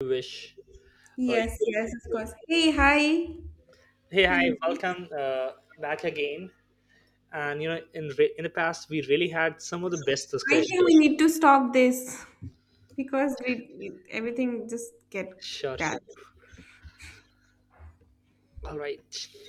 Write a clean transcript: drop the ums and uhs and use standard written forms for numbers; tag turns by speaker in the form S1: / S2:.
S1: You wish. You
S2: Yes,
S1: could
S2: yes,
S1: stick
S2: of
S1: to.
S2: course. Hey, hi.
S1: Hey,
S2: We
S1: hi,
S2: need- to-
S1: welcome, back again. And you know, in the past, we really had some of the best
S2: I think we
S1: discussions.
S2: need to stop this because everything just get
S1: Sure,
S2: bad.
S1: sure. All right.